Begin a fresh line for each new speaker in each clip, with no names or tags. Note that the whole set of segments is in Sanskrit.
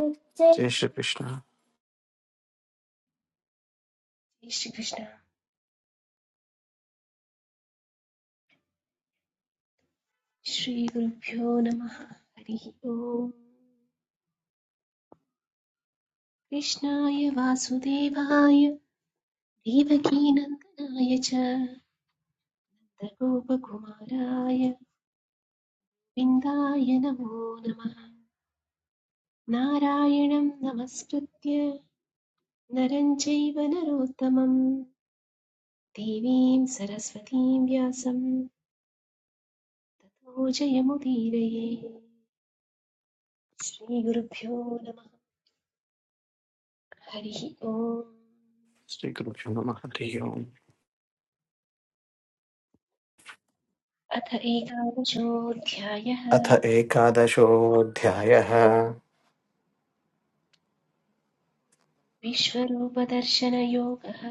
जय श्रीकृष्ण
श्रीकृष्ण श्रीगुरुभ्यो नमः हरिः ओम् कृष्णाय वासुदेवाय देवकीनन्दनाय च गोपकुमाराय विन्दाय नमो नमः नारायणं नमस्कृत्य नरं चैव नरोत्तमं देवीं सरस्वतीं व्यासं ततो जयमुदीरये श्रीगुरुभ्यो नमः हरिः ओम्
श्रीगुरुभ्यो नमः हरिः ओम्
अथ एकादशोऽध्यायः
अथ एकादशोऽध्यायः
विश्वरूपदर्शनयोगः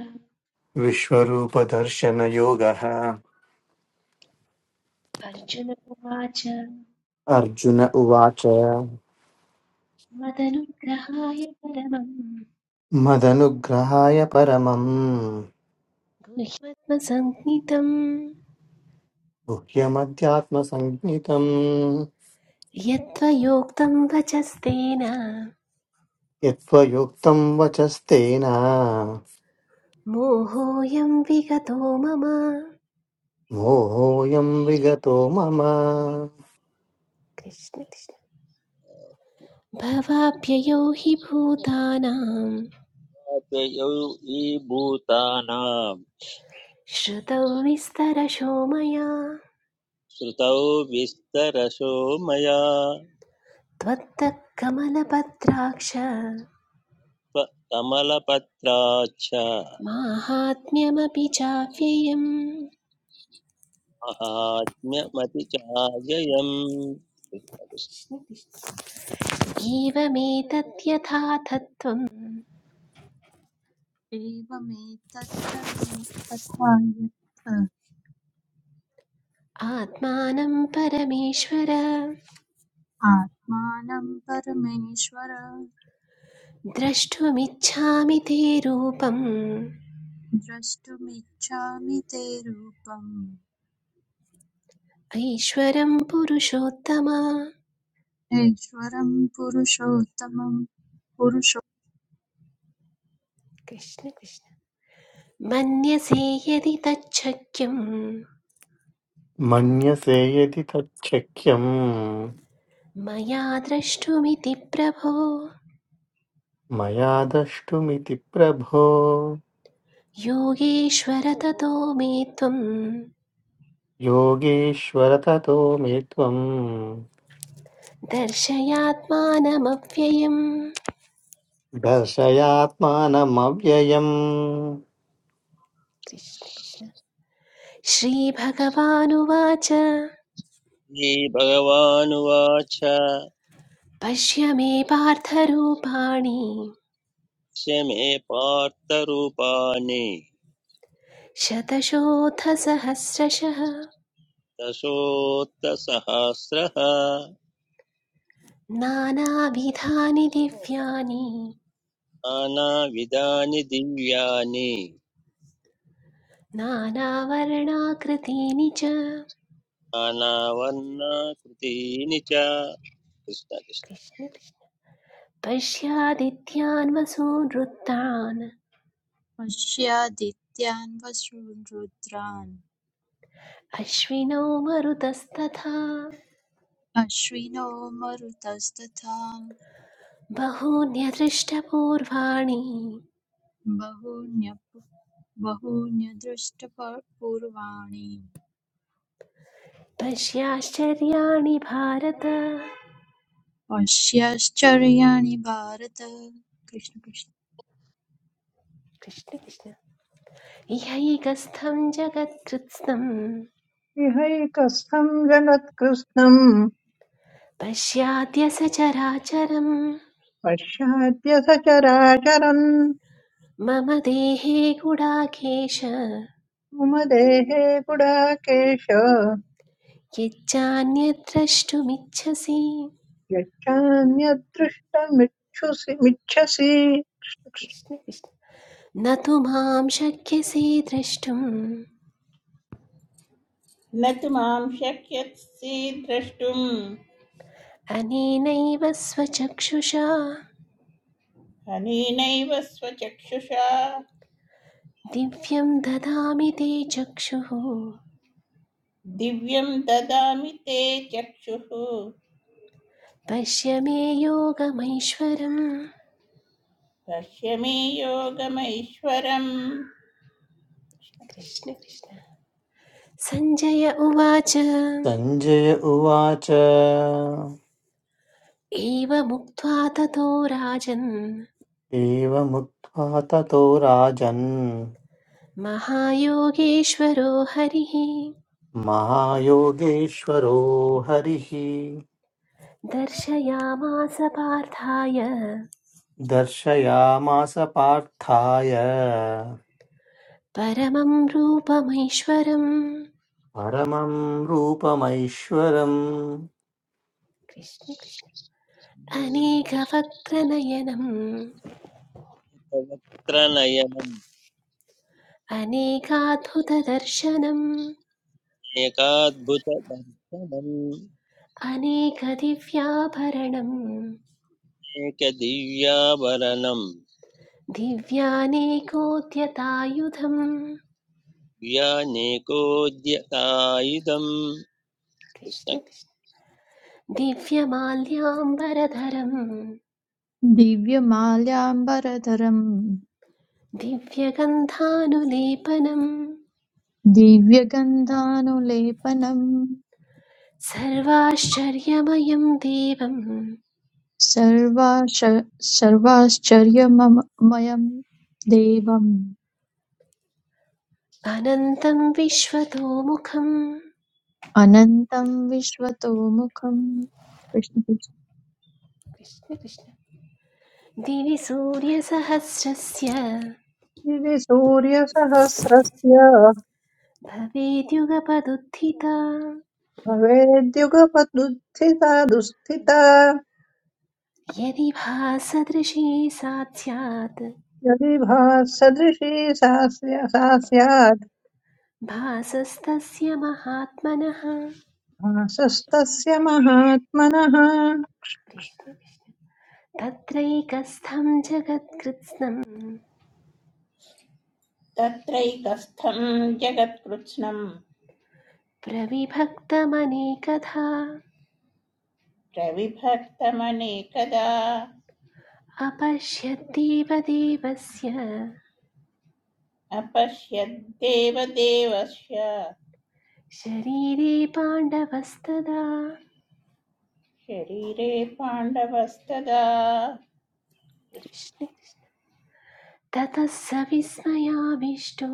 विश्वरूपदर्शनयोगः
अर्जुन उवाच
अर्जुन उवाच
मदनुग्रहाय परमं
मदनुग्रहाय परमं
गुह्यत्मसञ्ज्ञितं
गुह्यमध्यात्मसञ्ज्ञितम्
यत्त्वयोक्तं वचस्तेन
यत्त्वयुक्तं वचस्तेन
मोहोऽयं विगतो मम
मोहोऽयं विगतो मम
कृष्ण कृष्ण भवाभ्ययो हि भूतानां
अव्ययौ हि
श्रुतौ विस्तरशो मया
श्रुतौ विस्तरशो मया
त्वत्तः कमलपत्राक्ष
कमलपत्राच्छ
माहात्म्यमपि चाव्ययम्
महात्म्यमतिचाजयम्
एवमेतद्यथा तत्त्वम्
एवमेतत्तदा तथा यत्
आत्मानं परमेश्वर
आत्मानं परमेश्वर
द्रष्टुमिच्छामि ते रूपम्
द्रष्टुमिच्छामि ते रूपम्
ऐश्वरं पुरुषोत्तम
ऐश्वरं पुरुषोत्तमं पुरुषो
कृष्ण कृष्ण मन्यसे यदि तच्छक्यं
मन्यसे यदि तच्छक्यम्
मया द्रष्टुमिति प्रभो
मया द्रष्टुमिति प्रभो
योगेश्वर ततो मे त्वं
योगीश्वर ततो मे त्वम्
दर्शयात्मानमव्ययम्
दर्शयात्मानमव्ययम्
कृष्ण कृष्ण श्रीभगवानुवाच
श्रीभगवानुवाच
पश्य मे पार्थरूपाणि
स्य पार्थरूपाणि
शतशोऽथसहस्रशः
दशोत्तसहस्रः
नानाविधानि दिव्यानि
नानाविधानि दिव्यानि
नानावर्णाकृतीनि च
नानावर्णाकृतीनि च कृष्णकृष्ण
कृष्ण कृष्ण। पश्यादित्यान् वसून् वृत्तान्
पश्यादित्यान् वसून् रुद्रान्
अश्विनौ मरुतस्तथा
अश्विनो मरुतस्तथा
बहून्यदृष्टपूर्वाणि
बहून्य बहून्यदृष्टपूर्वाणि
पश्याश्चर्याणि भारत
पश्याश्चर्याणि भारत कृष्ण कृष्ण।
कृष्ण कृष्ण इहैकस्थं जगत्कृत्स्नं
इहैकस्थम् जगत्कृत्स्नम्
पश्याद्य सचराचरं
पश्याद्य सचराचरन्
मम देहे गुडाकेश
मम देहे गुडाकेश
यच्चान्यद्द्रष्टुमिच्छसि
यच्चान्यदृष्टमिच्छुसि मिच्छसि
कृष्ण कृष्ण न तु मां शक्यसे द्रष्टुम्
न तु मां शक्यसि द्रष्टुम्
अनेनैव स्वचक्षुषा
अनेनैव स्वचक्षुषा
दिव्यं ददामि ते चक्षुः
दिव्यं ददामि ते चक्षुः
पश्य मे योगमैश्वरम्
पश्य मे योगमैश्वरम्
कृष्ण कृष्ण सञ्जय उवाच
सञ्जय उवाच
एव मुक्त्वा ततो राजन्
एवमुक्त्वा ततो राजन्
महायोगेश्वरो हरिः
महायोगेश्वरो हरिः
दर्शयामास पार्थाय
दर्शयामास पार्थाय
परमं रूपमैश्वरम्
परमं रूपमैश्वरम्
कृष्ण कृष्ण अनेकवक्त्रनयनम्
भवत्रनयनम्
अनेकाद्भुतदर्शनम्
एकाद्भुतदर्शनम्
अनेकदिव्याभरणम्
एकदिव्याभरणम्
दिव्यानेकोद्यतायुधम्
दिव्यानेकोद्यतायुधम्
कृष्ण
कृष्ण
कृष्ण दिव्यमाल्याम्बरधरम्
दिव्यमाल्याम्बरधरं
दिव्यगन्धानुलेपनं
दिव्यगन्धानुलेपनं
सर्वाश्चर्यमयं देवम्
सर्वाश- सर्वाश्चर्यमममयं देवम्
अनन्तं विश्वतोमुखम्
अनन्तं विश्वतोमुखं कृष्ण कृष्ण।
कृष्ण कृष्ण दिवि सूर्यसहस्रस्य
इति सूर्यसहस्रस्य
भवेद्युगपदुत्थिता
भवेद्युगपदुत्थिता दुःस्थिता
यदि भासदृशी सा स्यात्
यदि भासदृशी सा स्या- सा स्यात्
भासस्तस्य महात्मनः
भासस्तस्य महात्मनः
कृष्ण कृष्ण तत्रैकस्थं जगत्कृत्स्नं
तत्रैकस्थं जगत्कृत्स्नं
प्रविभक्तमनेकधा
प्रविभक्तमनेकदा
अपश्यद्देव देवस्य
अपश्यद्देवदेवस्य
शरीरे पाण्डवस्तदा
शरीरे पाण्डवस्तदा
कृष्ण ततः स विस्मयाविष्टो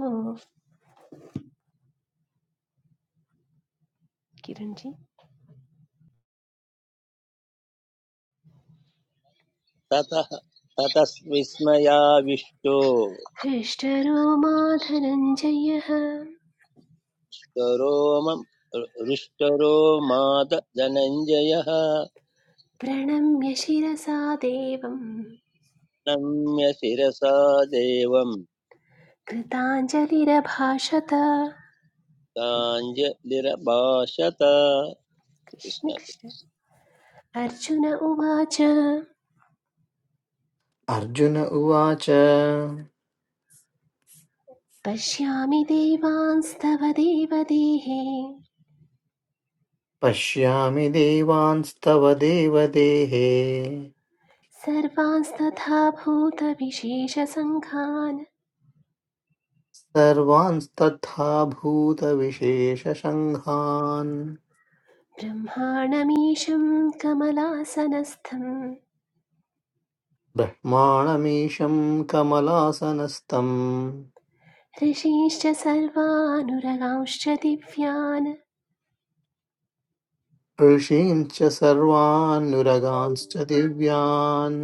किरण्जी
ततः ततस्विस्मयाविष्टो
हृष्टरो माधनञ्जयः
रोम रुष्टरो माद धनञ्जयः
प्रणम्य शिरसा देवं
नम्य शिरसा देवम्
कृताञ्जलिरभाषत
ताञ्जलिरभाषत
कृष्ण
कृष्ण
कृष्ण अर्जुन उवाच
अर्जुन उवाच
पश्यामि देवांस्तव देवदेहे
पश्यामि देवांस्तव देवदेहे
सर्वांस्तथा भूतविशेषसङ्घान्
सर्वांस्तथा भूतविशेषसङ्घान्
ब्रह्माणमीशं कमलासनस्थं
ब्रह्माणमीशं कमलासनस्थम्
ऋषीश्च सर्वानुरगांश्च दिव्यान्
ऋषींश्च सर्वान्नुरगांश्च दिव्यान्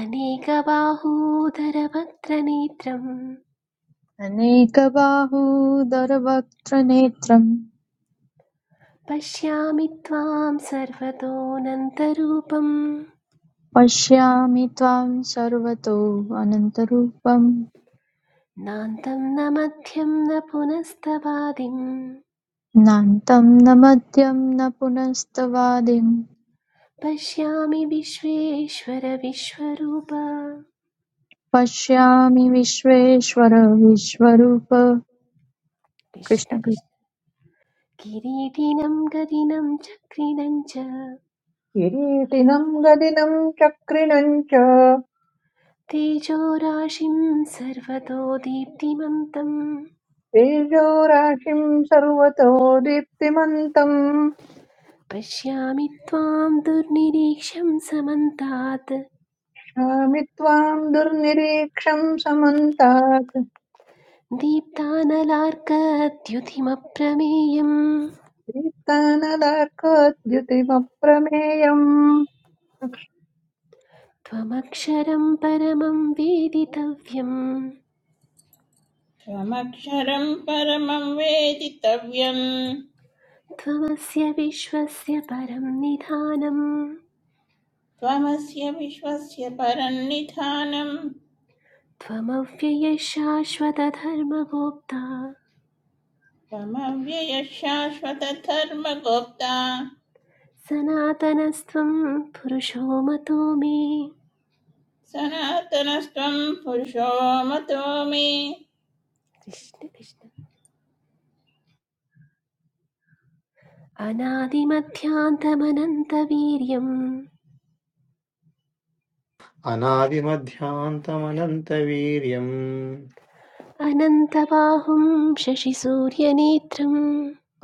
अनेकबाहोदरवक्त्रनेत्रं
अनेकबाहूदरवक्त्रनेत्रं
पश्यामि त्वां सर्वतोऽनन्तरूपं
पश्यामि त्वां सर्वतो अनन्तरूपं
नान्तं न मध्यं न पुनस्तवादिं
नान्तं न मध्यं न पुनस्तवादिम्
पश्यामि विश्वेश्वर विश्वरूप
पश्यामि विश्वेश्वर विश्वरूप
कृष्ण
कृष्ण
कृष्ण
कृष्ण।
किरीटिनं गदिनं चक्रिणं च
किरीटिनम् गदिनम् चक्रिणम् च
तेजोराशिं सर्वतो दीप्तिमन्तं
तेजो राशिं सर्वतो दीप्तिमन्तम्
पश्यामि त्वां दुर्निरीक्षं समन्तात्
क्षामि त्वाम् दुर्निरीक्षम् समन्तात्
दीप्तानलार्कद्युतिमप्रमेयं
दीप्तानदाकोद्युतिमप्रमेयम्
त्वमक्षरं परमं वेदितव्यं
त्वमक्षरं परमं वेदितव्यम्
त्वमस्य विश्वस्य परं निधानम्
त्वमस्य विश्वस्य परं निधानं
त्वमव्ययशाश्वतधर्मगोप्ता
त्वमव्ययः शाश्वतधर्मगुप्ता
सनातनस्त्वं पुरुषो मतो मे
सनातनस्त्वं पुरुषो मतो मे
कृष्ण कृष्ण अनादिमध्यान्तमनन्तवीर्यम्
अनादिमध्यान्तमनन्तवीर्यम्
अनन्तबाहुं शशिसूर्यनेत्रं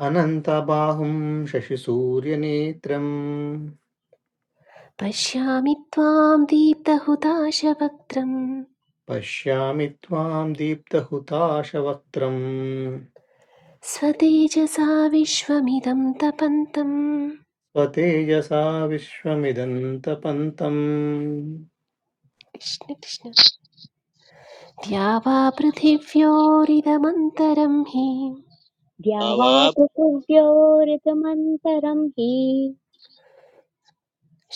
अनन्तबाहुं शशिसूर्यनेत्रम्
पश्यामि त्वां दीप्तहुताशवक्त्रं
पश्यामि त्वां दीप्तहुताशवक्त्रम्
स्वतेजसा विश्वमिदं तपन्तं
स्वतेजसा विश्वमिदन्तपन्तम्
कृष्ण कृष्ण द्या वा पृथिव्योरिदमन्तरं हि
द्यावा पृथिव्योरिदमन्तरं हि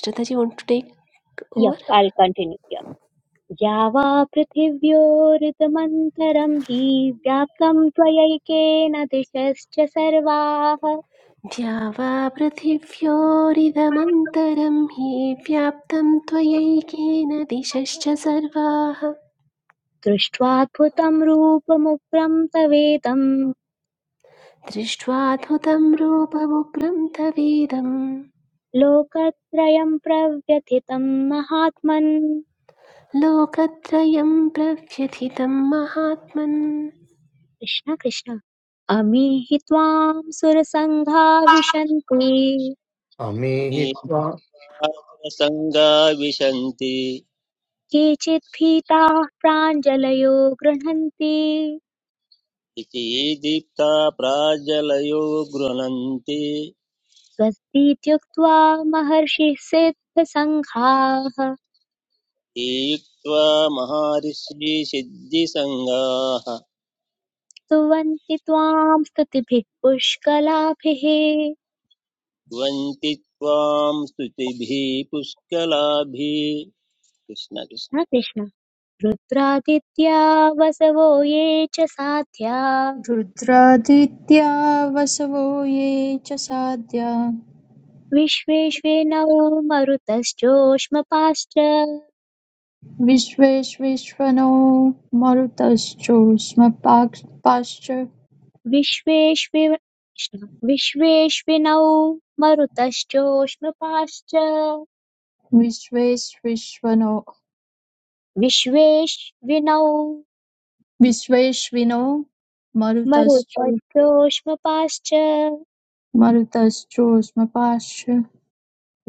श्रद्धाजी
यप्
उर-
ऐ कण्टिन्यू द्यावा पृथिव्योरिदमन्तरं हि व्याप्तं त्वयैकेन दिशश्च सर्वाः
द्या वा पृथिव्योरिदमन्तरं हि व्याप्तं त्वयैकेन दिशश्च सर्वाः
दृष्ट्वाद्भुतं रूपमुग्रं तवेदं
दृष्ट्वाद्भुतं रूपमुग्रं तवेदं
लोकत्रयं प्रव्यथितं महात्मन्
लोकत्रयं प्रव्यथितं महात्मन्
कृष्ण कृष्ण अमीहि त्वां सुरसङ्घा विशन्ति
अमे हि
तावाप्नीयासङ्गा
त्वा-
विशन्ति
केचित् भीताः प्राञ्जलयो गृह्णन्ति
इति दीप्ता प्राजलयो गृह्णन्ति
स्वस्तीत्युक्त्वा महर्षिः सिद्धसङ्घाः
ईक्त्वा महर्षि सिद्धिसङ्गाः
स्तुवन्ति त्वाम् स्तुतिभिः पुष्कलाभिः
ध्वन्ति त्वां स्तुतिभिः पुष्कलाभिः कृष्ण कृष्ण
न कृष्ण रुद्रादित्या वसवो ये च साध्या
रुद्रादित्या वसवो ये च साध्या
विश्वेश्वे नवो मरुतश्चोष्मपाश्च
विश्वेश्विश्वनो मरुतश्चोष्म पाक्- पाश्च
विश्वेश्वे कृष्ण विश्वेश्विनौ मरुतश्चोष्मपाश्च
विश्वेश्विश्वनो
विश्वेश्विनौ
विश्वेश्विनो मरुतश्चो
मरुतश्चोष्मपाश्च
मरुतश्चोष्म पाश्च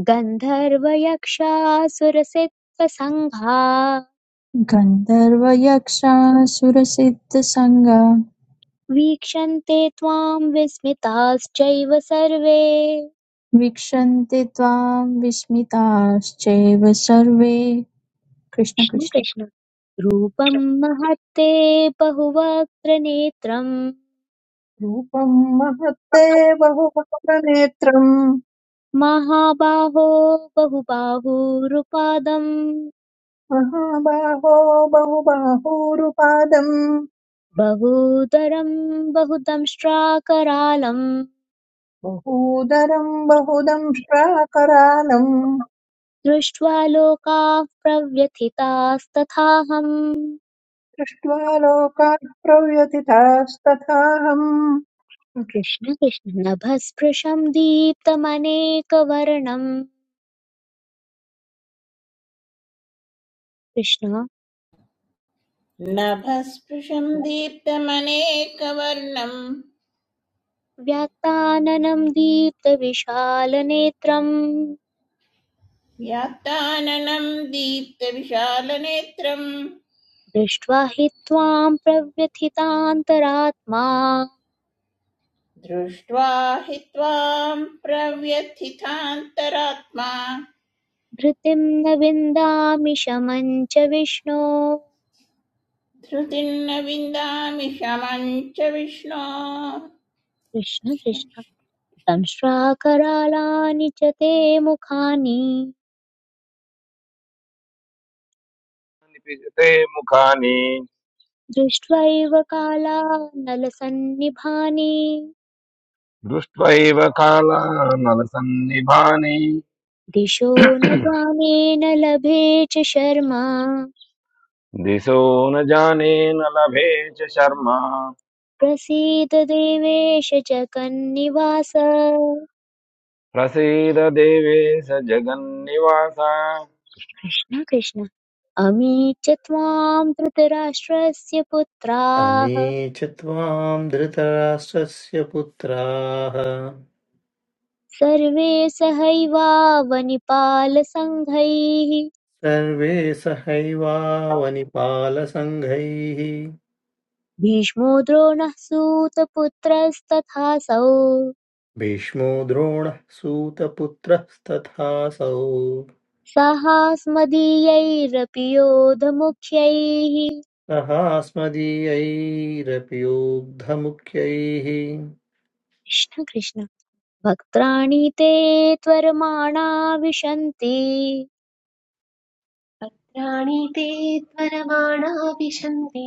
गन्धर्वयक्षासुरसित्त्वसङ्घा
गन्धर्वयक्षासुरसिद्धसङ्गा
वीक्षन्ते त्वाम् विस्मिताश्चैव सर्वे
वीक्षन्ते त्वां विस्मिताश्चैव सर्वे कृष्ण कृष्ण
कृष्णकृष्ण रूपम् महत्ते बहुवक्त्र नेत्रम्
रूपम् महत्ते बहुवक्त्रनेत्रम्
महाबाहो बहुबाहुरुपादम्
महाबाहो बहुबाहूरुपादम्
बहूदरम् बहुदंष्ट्राकरालम्
बहूदरम् बहुदंष्ट्राकरालम्
दृष्ट्वा लोकाः प्रव्यथितास्तथाहम्
दृष्ट्वा लोकात् प्रव्यथितास्तथाहम्
कृष्ण कृष्ण नभस्पृशं दीप्तमनेकवर्णं कृष्ण
नभस्पृशं दीप्तमनेकवर्णं
व्याक्ताननं दीप्तविशालनेत्रम्
व्यात्ताननं दीप्तविशालनेत्रं
दृष्ट्वा हि त्वां प्रव्यथितान्तरात्मा
दृष्ट्वा हि त्वां प्रव्यथितान्तरात्मा
धृतिं न विन्दामि शमं च विष्णो
धृतिर्न विन्दामि शमं च विष्णो
कृष्ण कृष्ण संश्राकरालानि च ते मुखानि
विजते मुखानि
दृष्ट्वैव कालानलसन्निभाने
दृष्ट्वैव कालानलसन्निभानि
दिशो न जाने न लभे च शर्मा
दिशो न जाने न लभे च शर्मा
प्रसीद देवेश जगन्निवास
प्रसीद देवेश जगन्निवास
कृष्ण कृष्ण अमी च त्वां धृतराष्ट्रस्य
अमे
पुत्राः
च त्वाम् धृतराष्ट्रस्य पुत्राः
सर्वे सहैवावनिपालसङ्घैः
सर्वे सहैवावनिपालसङ्घैः
भीष्मो द्रोणः सूतपुत्रस्तथासौ
भीष्मो द्रोणः सूतपुत्रस्तथासौ
सहास्मदीयैरपि योधमुख्यैः
सहास्मदीयैरपि योग्धमुख्यैः
कृष्ण कृष्ण भक्त्राणि ते त्वरमाणा विशन्ति
प्राणिते त्वरमाणा विशन्ति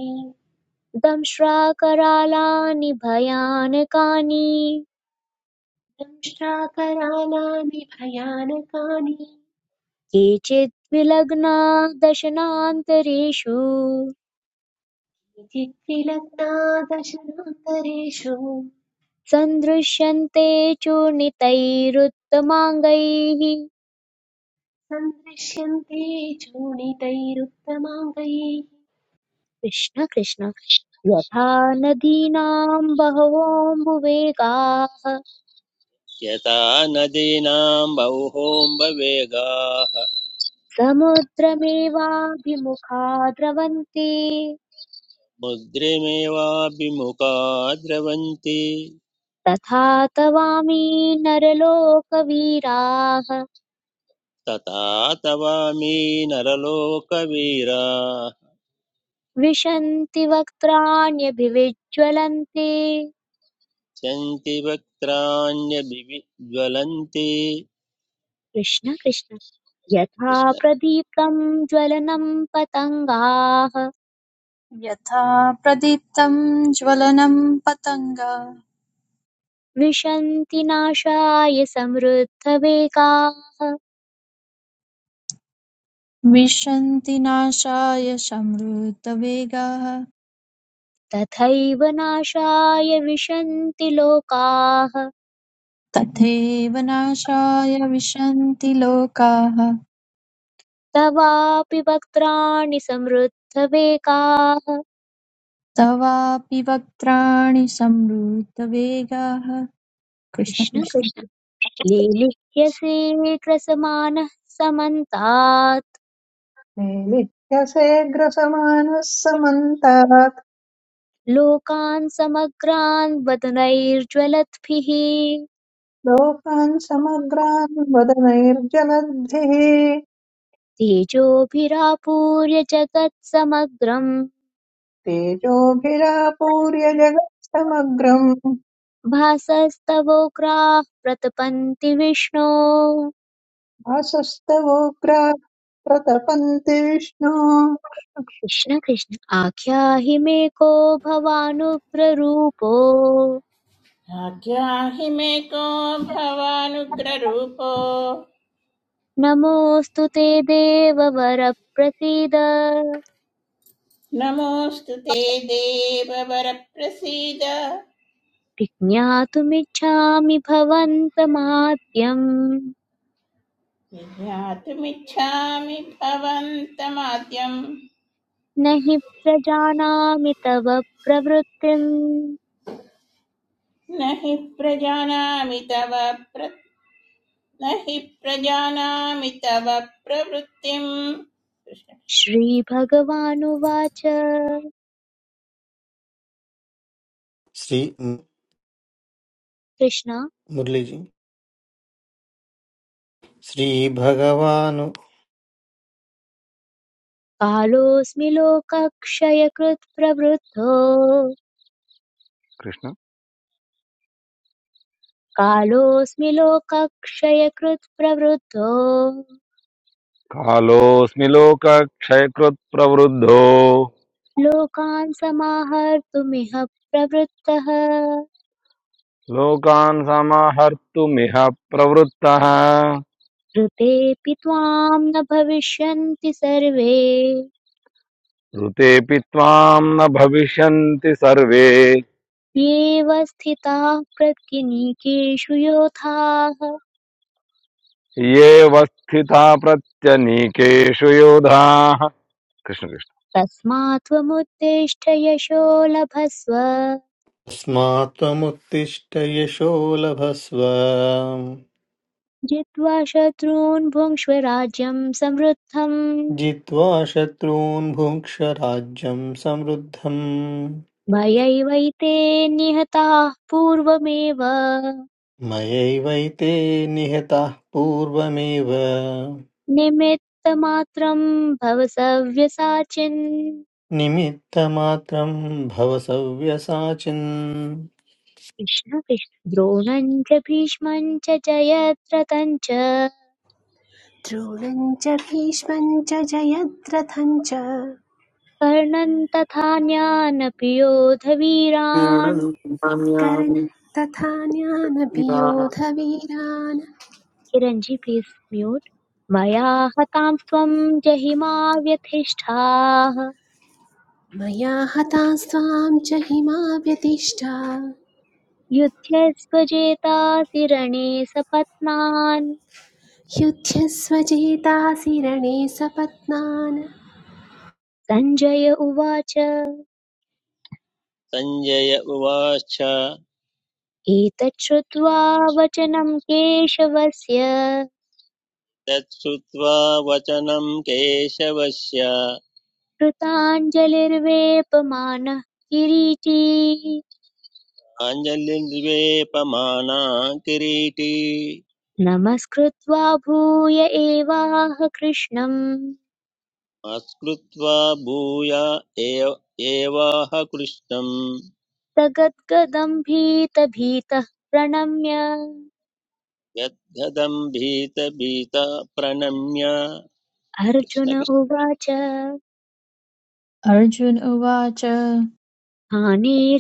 दंश्राकरालानि भयानकानि
दंष्ट्राकरालानि भयानकानि
केचित् विलग्ना दशनान्तरेषु
चित्तिलग्नादशनान्तरेषु
सन्दृश्यन्ते चूर्णितैरुत्तमाङ्गैः
सन्दृश्यन्ते चूर्णितैरुत्तमाङ्गैः
कृष्ण कृष्ण यथा नदीनां बहवोऽम्बुवेगाः
यथा नदीनां बह्वोऽम्बवेगाः
समुद्रमेवाभिमुखा द्रवन्ति
मुद्रिमेवाभिमुखा द्रवन्ति
तथा तवामि नरलोकवीराः
तथा तवामि नरलोकवीरा
विशन्ति वक्त्राण्यभिविज्ज्वलन्ति
सन्ति वक्त्राण्यभिज्वलन्ति
कृष्ण कृष्ण यथा
कृष्ण
प्रदीप्तम् ज्वलनम् पतङ्गाः
यथा प्रदीप्तं ज्वलनं पतङ्गा
विशन्ति नाशाय समृद्धवेगाः
विशन्ति नाशाय समृद्धवेगाः
तथैव नाशाय विशन्ति लोकाः
तथैव नाशाय विशन्ति लोकाः
तवापि वक्त्राणि समृद्धवेगाः
तवापि वक्त्राणि समृद्धवेगाः कृष्ण
कृष्ण
कृष्ण
कृष्ण लेलिह्यसे ग्रसमानः समन्तात्
मेलित्य सेऽग्रसमानः समन्तात्
लोकान् समग्रान् वदनैर्ज्वलद्भिः
लोकान् समग्रान् वदनैर्जलद्भिः
तेजोभिरापूर्य जगत्
तेजोभिरापूर्य जगत्समग्रम्
भासस्तवोग्राः प्रतपन्ति विष्णो
वासस्तवोग्रा प्रतपन्ति विष्णो
कृष्ण कृष्ण आख्याहि मे को भवानुग्ररूपो
आज्ञा हि मे को भवानुग्ररूपो
नमोऽस्तु ते देववर प्रसीद
नमोऽस्तु ते देव वरप्रसीद
विज्ञातुमिच्छामि भवन्तमाद्यम्
ज्ञातुमिच्छामि भवन्तमाद्यम्
न हि प्रजानामि तव प्रवृत्तिम्
न हि प्रजानामि तव प्र न हि प्रजानामि तव प्रवृत्तिम् कृष्ण-
श्रीभगवानुवाच कृष्ण
श्री मुरलीजी श्रीभगवानु
कालोऽस्मि लोकक्षयकृत् प्रवृद्धो
कृष्ण
कालोऽस्मि लोकक्षयकृत् प्रवृद्धो
कालोऽस्मि लोकक्षयकृत् प्रवृद्धो
लोकान् समाहर्तुमिह प्रवृत्तः
लोकान् समाहर्तुमिह प्रवृत्तः
ऋतेऽपि त्वां न भविष्यन्ति सर्वे
ऋतेऽपि त्वाम् न भविष्यन्ति सर्वे
येव स्थिताः प्रत्यनीकेषु योधाः
ये वस्थिता प्रत्यनीकेषु योधाः कृष्ण कृष्ण
तस्मात् त्वमुत्तिष्ठ यशो लभस्व
अस्मात्त्वमुत्तिष्ठ यशो लभस्व
जित्वा शत्रून् भुङ्क्ष्व राज्यं समृद्धम्
जित्वा शत्रून् भुङ्क्ष राज्यं समृद्धम्
मयैवैते निहताः पूर्वमेव
मयैवैते निहताः पूर्वमेव
निमित्तमात्रं भव सव्यसाचिन्
निमित्तमात्रं भव सव्यसाचिन्
कृष्ण कृष्ण द्रोणं च भीष्मं च जयद्रथं च
द्रोणम् च भीष्मम् च जयद्रथम् च
कर्णन् तथा न्यानपि योधवीरान्
कर्ण
क्रीडनुकाम्यानि
तथा
वा
ज्ञानपियोधवीरान्
चिरञ्जीवी प्लीज् म्यूट् मया हतां त्वं जहि मा व्यथिष्ठाः
मया हतास्त्वां च हिमाव्यतिष्ठा
युध्यस्व जेतासि रणे सपत्नान्
युध्यस्व चेतासि रणे सपत्नान्
सञ्जय उवाच
सञ्जय उवाच
एतत् श्रुत्वा वचनं केशवस्य
तच्छ्रुत्वा वचनं केशवस्य
कृताञ्जलिर्वेपमानः किरीटी
आञ्जलिर्वेपमाना किरीटी
नमस्कृत्वा भूय एवाह कृष्णम्
मस्कृत्वा भूया एव एवाह कृष्णं
सगद्गदम् भीतभीतः प्रणम्य
यद्गदं भीत भीत प्रणम्य कृष्ण
अर्जुन उवाच स्थाने
अर्जुन उवाच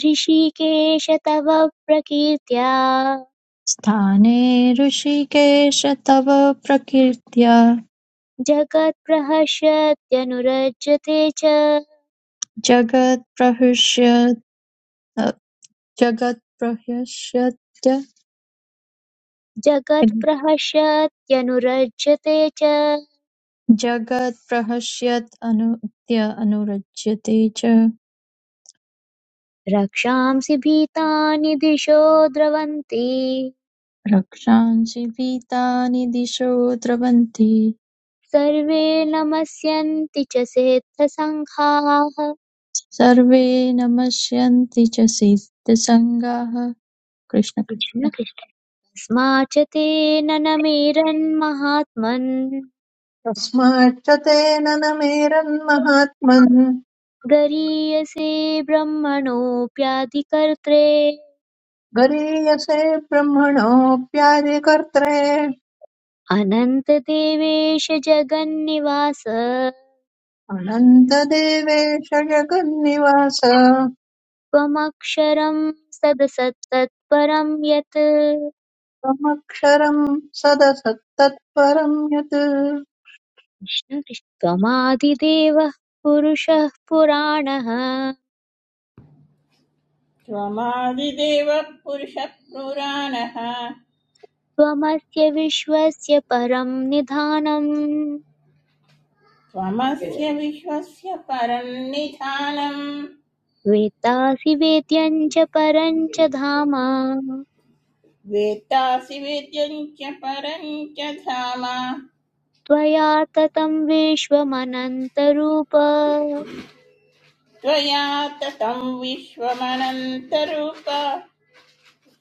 ऋषिकेश तव प्रकीर्त्या
स्थाने ऋषिकेश तव प्रकीर्त्या
जगत्प्रहस्यत्यनुरज्यते च
जगत्प्रहर्षयत् जगत्प्रहर्षत्य
जगत्प्रहस्यत्यनुरज्यते च
जगत्प्रहर्षयत् अनुद्य अनुरज्यते च
रक्षांसि भीतानि दिशो द्रवन्ति
रक्षांसि भीतानि दिशो द्रवन्ति
सर्वे नमस्यन्ति च सेत्थसङ्घाः
सर्वे नमस्यन्ति च सिद्धसङ्गाः कृष्ण कृष्ण
कृष्ण कृष्ण। तस्माच्च तेन न मेरन्महात्मन्
तस्माच्च तेन न मेरन्महात्मन्
गरीयसे ब्रह्मणोऽप्याधिकर्त्रे
गरीयसे ब्रह्मणोऽप्यादिकर्त्रे
अनन्तदेवेश जगन्निवास
अनन्तदेवेश जगन्निवास
त्वमक्षरं सदसत्तत्परं यत्
त्वमक्षरं सदसत्तत्परं यत्
कृष्ण कृष्ण। त्वमादिदेवः पुरुषः पुराणः
पुरुषः पुराणः
त्वमस्य विश्वस्य परं निधानम्
त्वमस्य विश्वस्य परन्निधानम्
वेत्तासि वेद्यं च परं च धाम
वेत्तासि वेद्यं च परं च धाम
त्वया ततं विश्वमनन्तरूप
त्वया ततं विश्वमनन्तरूप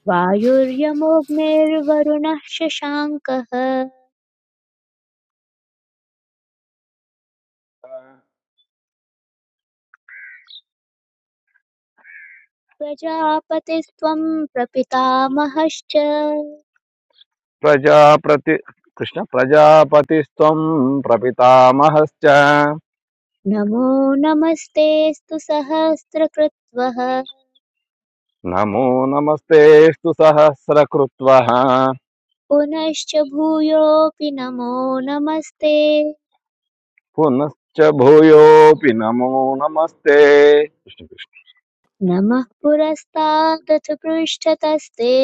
वायुर्यमोऽग्निर्वरुणः शशाङ्कः प्रजापतिस्त्वं प्रपितामहश्च
प्रजाप्रति कृष्ण प्रजापतिस्त्वं प्रपितामहश्च
नमो नमस्तेऽस्तु सहस्रकृत्वः
नमो नमस्तेऽस्तु सहस्रकृत्वः
पुनश्च भूयोऽपि नमो नमस्ते
पुनश्च भूयोऽपि नमो नमस्ते कृष्ण कृष्ण
नमः पुरस्तादथ पृष्ठतस्ते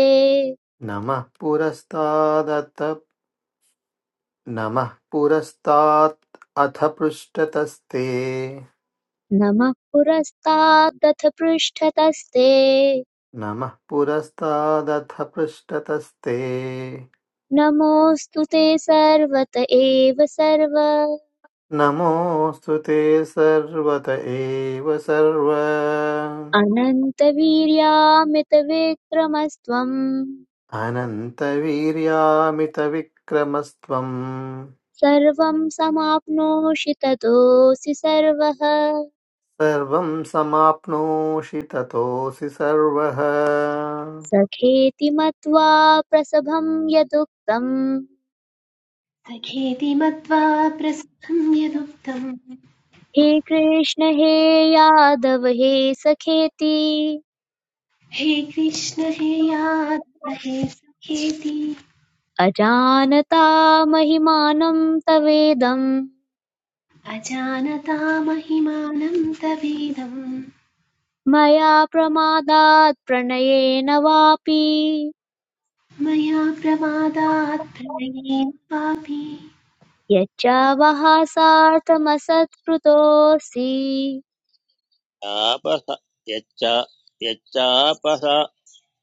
नमः पुरस्तादत नमः पुरस्तात् अथ पृष्ठतस्ते
नमः पुरस्तादथ पृष्ठतस्ते
नमः पुरस्तादथ पृष्ठतस्ते
नमोऽस्तु ते सर्वत एव सर्व
नमोऽस्तु ते सर्वत एव सर्व
अनन्तवीर्यामितविक्रमस्त्वम्
अनन्तवीर्यामितविक्रमस्त्वम्
सर्वं समाप्नोषि ततोऽसि सर्वः
सर्वं समाप्नोषि ततोऽसि सर्वः
सखेति मत्वा प्रसभं यदुक्तम्
सखेति मत्वा प्रस्थम् यदुक्तम्
हे कृष्ण हे यादव हे सखेति
हे कृष्ण हे यादव हे सखेति
अजानता महिमानं तवेदं
अजानता महिमानं तवेदं
मया प्रमादात् प्रणयेन वापि
मया प्रमादात् प्रणयेन पापी
यच्चावः सार्थमसत्कृतोऽसि
कृष्णापह यच्च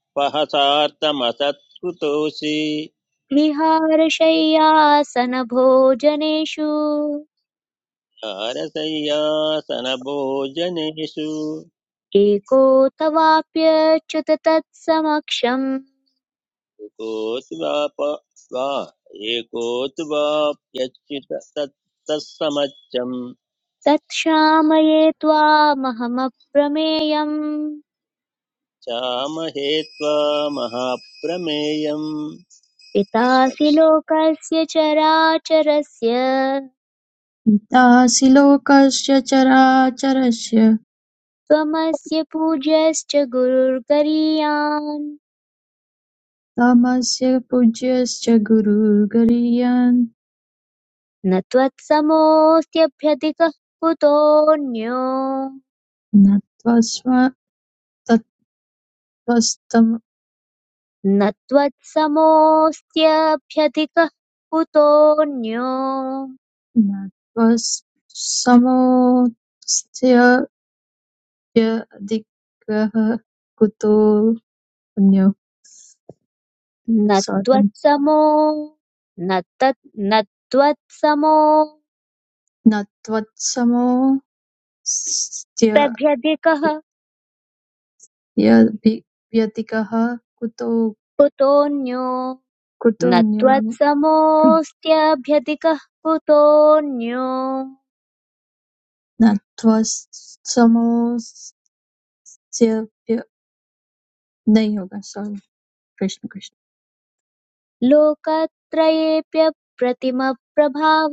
यच्चापहसार्थमसत्कृतोऽसि
विहारशय्यासनभोजनेषु
कारसय्यासनभोजनेषु
एको तवाप्यच्युत तत्समक्षम्
एकोऽत्वा एकोऽत्वा यच्युत तत्-
तत्क्षामये त्वामहमप्रमेयम्
चामहे त्वा महाप्रमेयम्
पितासि
कृष्णकृष्ण
लोकस्य चराचरस्य
पितासि लोकस्य चराचरस्य
त्वमस्य पूज्यश्च गुरुर्गरीयान्
तमस्य पूज्यश्च गुरुर्गरीयान्
न त्वत्समोऽस्त्यभ्यधिकः कुतोऽन्यो
न त्वस्म
न त्वत्समोऽस्त्यभ्यधिकः कुतोऽन्यो
नत्वत्समोऽस्त्यधिकः कुतोऽन्यो
न
sorry,
त्वत्समो न तत् न त्वत्समोऽस्त्यभ्यधिकः
नत्वत्समोऽस्त्यधिकः कुतो
कुतोऽन्यो न
कुतोऽन्यो
त्वत्समोऽस्त्यभ्यधिकः कुतोऽन्यो
नत्वत्समोऽस्त्यनयोः sorry, कृष्ण कृष्ण
लोकत्रयेऽप्यप्रतिमप्रभाव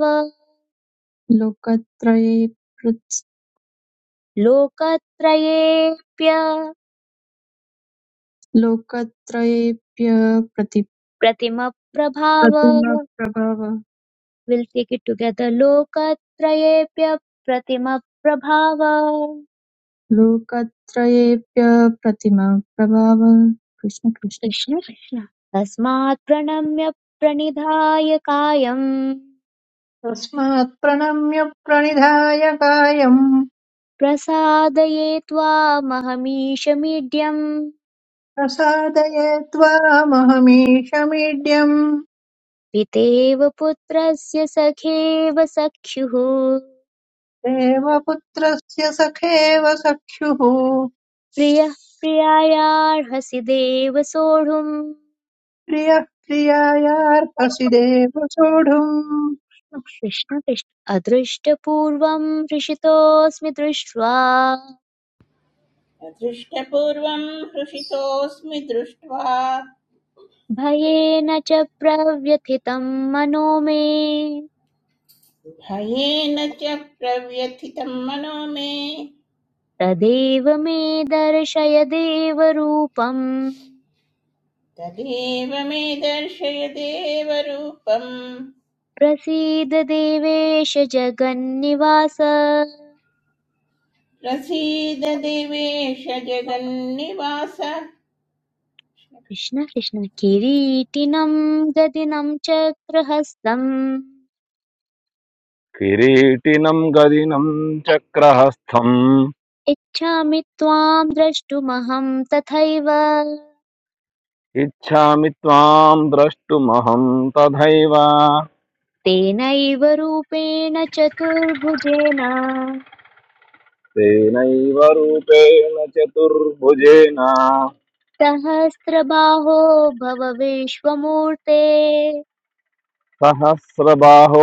लोकत्रये पृथ्-
लोकत्रयेऽप्य
लोकत्रयेऽप्यप्रति
प्रतिम प्रभाव
प्रतिमप्रभव
विल take it together लोकत्रयेभ्य प्रतिम प्रभाव
लोकत्रयेऽप्य प्रतिमं प्रभावः कृष्ण कृष्ण
कृष्ण कृष्ण तस्मात् प्रणम्य प्रणिधाय कायम्
तस्मात् प्रणम्य प्रणिधाय कायं
प्रसादये त्वामहमीश मीड्यम्
प्रसादये त्वामहमीशमीड्यम्
पितेव पुत्रस्य सखेव सख्युः
देवपुत्रस्य सखेव सख्युः
प्रियः प्रियायार्हसि देव सोढुम्
प्रियः प्रियायार्हसि देव सोढुम्
कृष्ण कृष्ण अदृष्टपूर्वम् हृषितोऽस्मि दृष्ट्वा
अदृष्टपूर्वं हृषितोऽस्मि दृष्ट्वा
भयेन च प्रव्यथितं मनो मे
भयेन च प्रव्यथितं मनो मे
तदेव मे दर्शय देवरूपम्
तदेव मे दर्शय देवरूपम्
प्रसीद देवेश जगन्निवास
प्रसीद देवेश जगन्निवास
कृष्ण कृष्ण किरीटिनं गदिनं चक्रहस्तम्
किरीटिनं गदिनं चक्रहस्थम्
इच्छामि त्वां द्रष्टुमहं तथैव
इच्छामि त्वां द्रष्टुमहं तथैव
तेनैव रूपेण चतुर्भुजेन
तेनैव रूपेण चतुर्भुजेन
सहस्रबाहो भव विश्वमूर्ते
सहस्रबाहो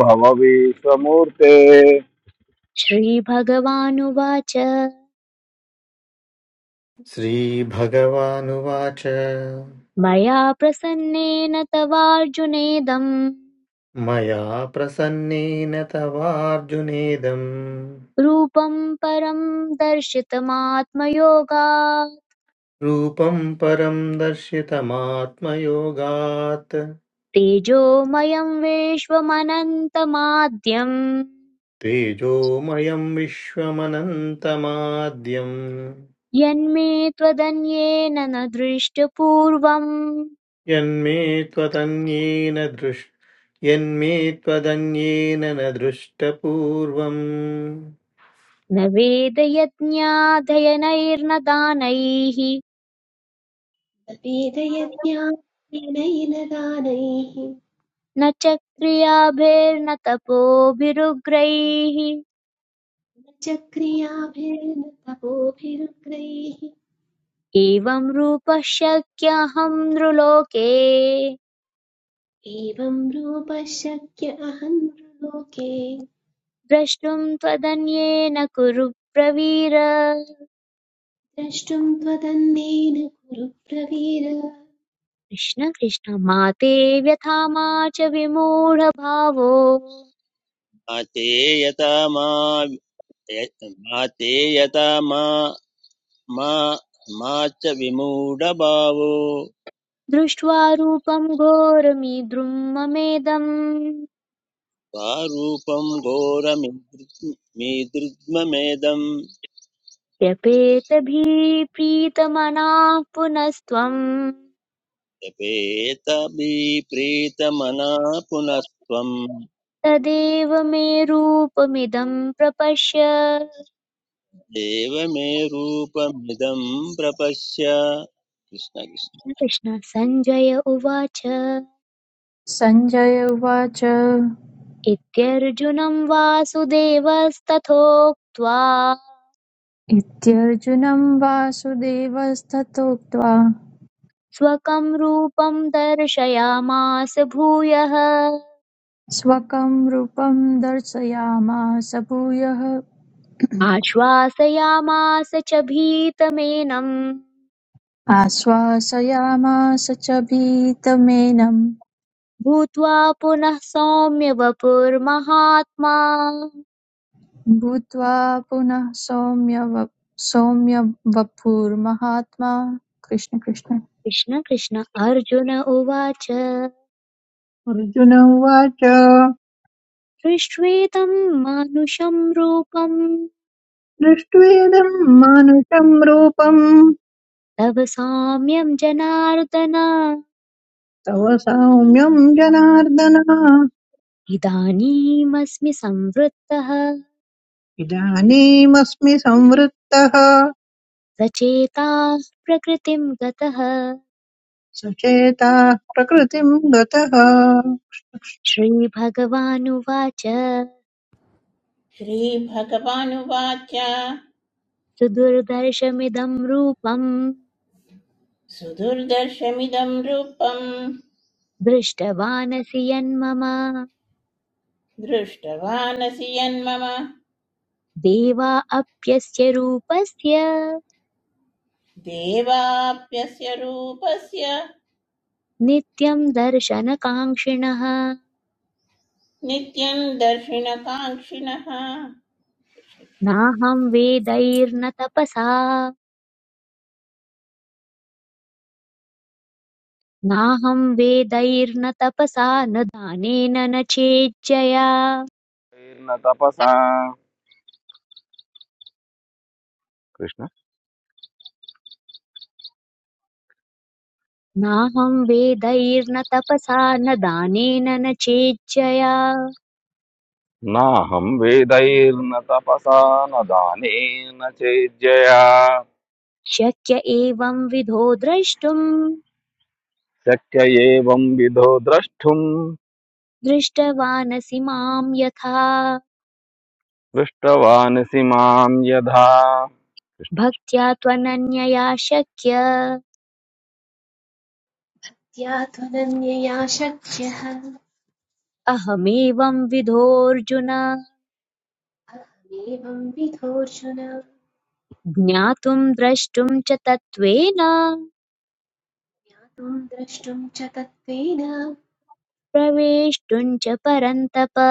भव विश्वमूर्ते
श्रीभगवानुवाच
श्रीभगवानुवाच
मया प्रसन्नेन तवार्जुनेदम्
मया प्रसन्नेन तवार्जुनेदम्
रूपम् परम् दर्शितमात्मयोगा
रूपं परं दर्शितमात्मयोगात्
तेजोमयं विश्वमनन्तमाद्यम्
तेजोमयं विश्वमनन्तमाद्यं
यन्मे त्वदन्येन न दृष्टपूर्वम्
यन्मे त्वदन्येन दृष् यन्मे त्वदन्येन न दृष्टपूर्वम्
न वेदयज्ञाधयनैर्न दानैः
तपेदयज्ञानेन दानैः न
न च क्रियाभिर्न तपोभिरुग्रैः
च क्रियाभिर्न तपोभिरुग्रैः
एवं रूपः शक्यहं नृलोके
एवं रूपः शक्य अहं लोके
द्रष्टुं त्वदन्येन कुरु ब्रवीर
द्रष्टुं त्वदन्येन कुरु प्रवीर
कृष्ण कृष्ण माते व्यथा मा च विमूढभावो
ते यथा मा मा ते यथा मा मा मा च विमूढभावो
दृष्ट्वा रूपं घोरमीद्रुं ममेदम्
स्वारूपं घोरमीदृग्-
व्यपेतभिप्रीतमनाः पुनस्त्वम्
जपेत प्रीतमना पुनस्त्वम्
तदेव मे रूपमिदं प्रपश्य
देव मे रूपमिदं प्रपश्य कृष्ण कृष्ण
कृष्ण सञ्जय उवाच
सञ्जय उवाच
इत्यर्जुनं वासुदेवस्तथोक्त्वा
इत्यर्जुनं वासुदेवस्तथोक्त्वा
स्वकं रूपं दर्शयामास भूयः
स्वकं रूपं दर्शयामास भूयः
आश्वासयामास च भीतमेनम्
आश्वासयामास च भीतमेनं
भूत्वा पुनः सौम्य वपुर्महात्मा
भूत्वा पुनः सौम्य व- सौम्य वपुर्महात्मा कृष्ण कृष्ण
कृष्ण कृष्ण अर्जुन उवाच
अर्जुन उवाच
सृष्ट्वेदं मानुषं रूपं
दृष्ट्वेदम् मानुषम् रूपम्
तव साम्यं जनार्दन
तव सौम्यम् जनार्दन
इदानीमस्मि संवृत्तः
इदानीमस्मि संवृत्तः
सचेताः प्रकृतिं गतः
सचेता प्रकृतिम् गतः
श्रीभगवानुवाच
श्रीभगवानुवाच
सुदुर्दर्शमिदं रूपं
सुदुर्दर्शमिदं रूपम्
दृष्टवानसि यन्मम
दृष्टवानसि यन्मम
देवा अप्यस्य रूपस्य
देवाप्यस्य रूपस्य
नित्यं दर्शनकाङ्क्षिणः
नित्यं दर्शिनकाङ्क्षिणः
नाहं वेदैर्न तपसा नाहं वेदैर्न तपसा न दानेन न चेज्जया
न तपसा कृष्ण
नाहं वेदैर्न तपसा न दानेन न चेज्जया
नाहं वेदैर्न तपसा न दानेन चेज्यया
शक्य एवं विधो द्रष्टुम्
शक्य एवं विधो द्रष्टुम्
दृष्टवानसि माम् यथा
दृष्टवानसि मां यथा
भक्त्या त्वनन्यया शक्य
या त्वदन्यया शक्यः
अहमेवं विधोऽर्जुन
अहमेवं विधोऽर्जुन
ज्ञातुम् द्रष्टुम् च तत्त्वेन
ज्ञातुं द्रष्टुं च तत्त्वेन
प्रवेष्टुम् च परन्तप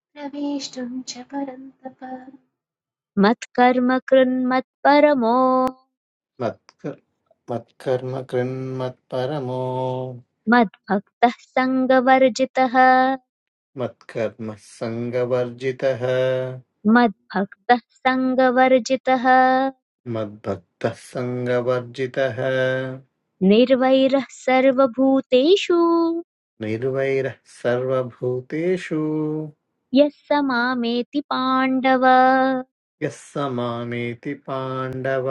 प्रवेष्टुं च परन्तप
मत्कर्म कृन्मत्परमो
मत्क- मत्कर्म कृन्मत्परमो
मद्भक्तः सङ्गवर्जितः
मत्कर्मः सङ्गवर्जितः
मद्भक्तः सङ्गवर्जितः
मद्भक्तः सङ्गवर्जितः
निर्वैरः सर्वभूतेषु
निर्वैरः सर्वभूतेषु
यः स मामेति पाण्डव
यः स मामेति पाण्डव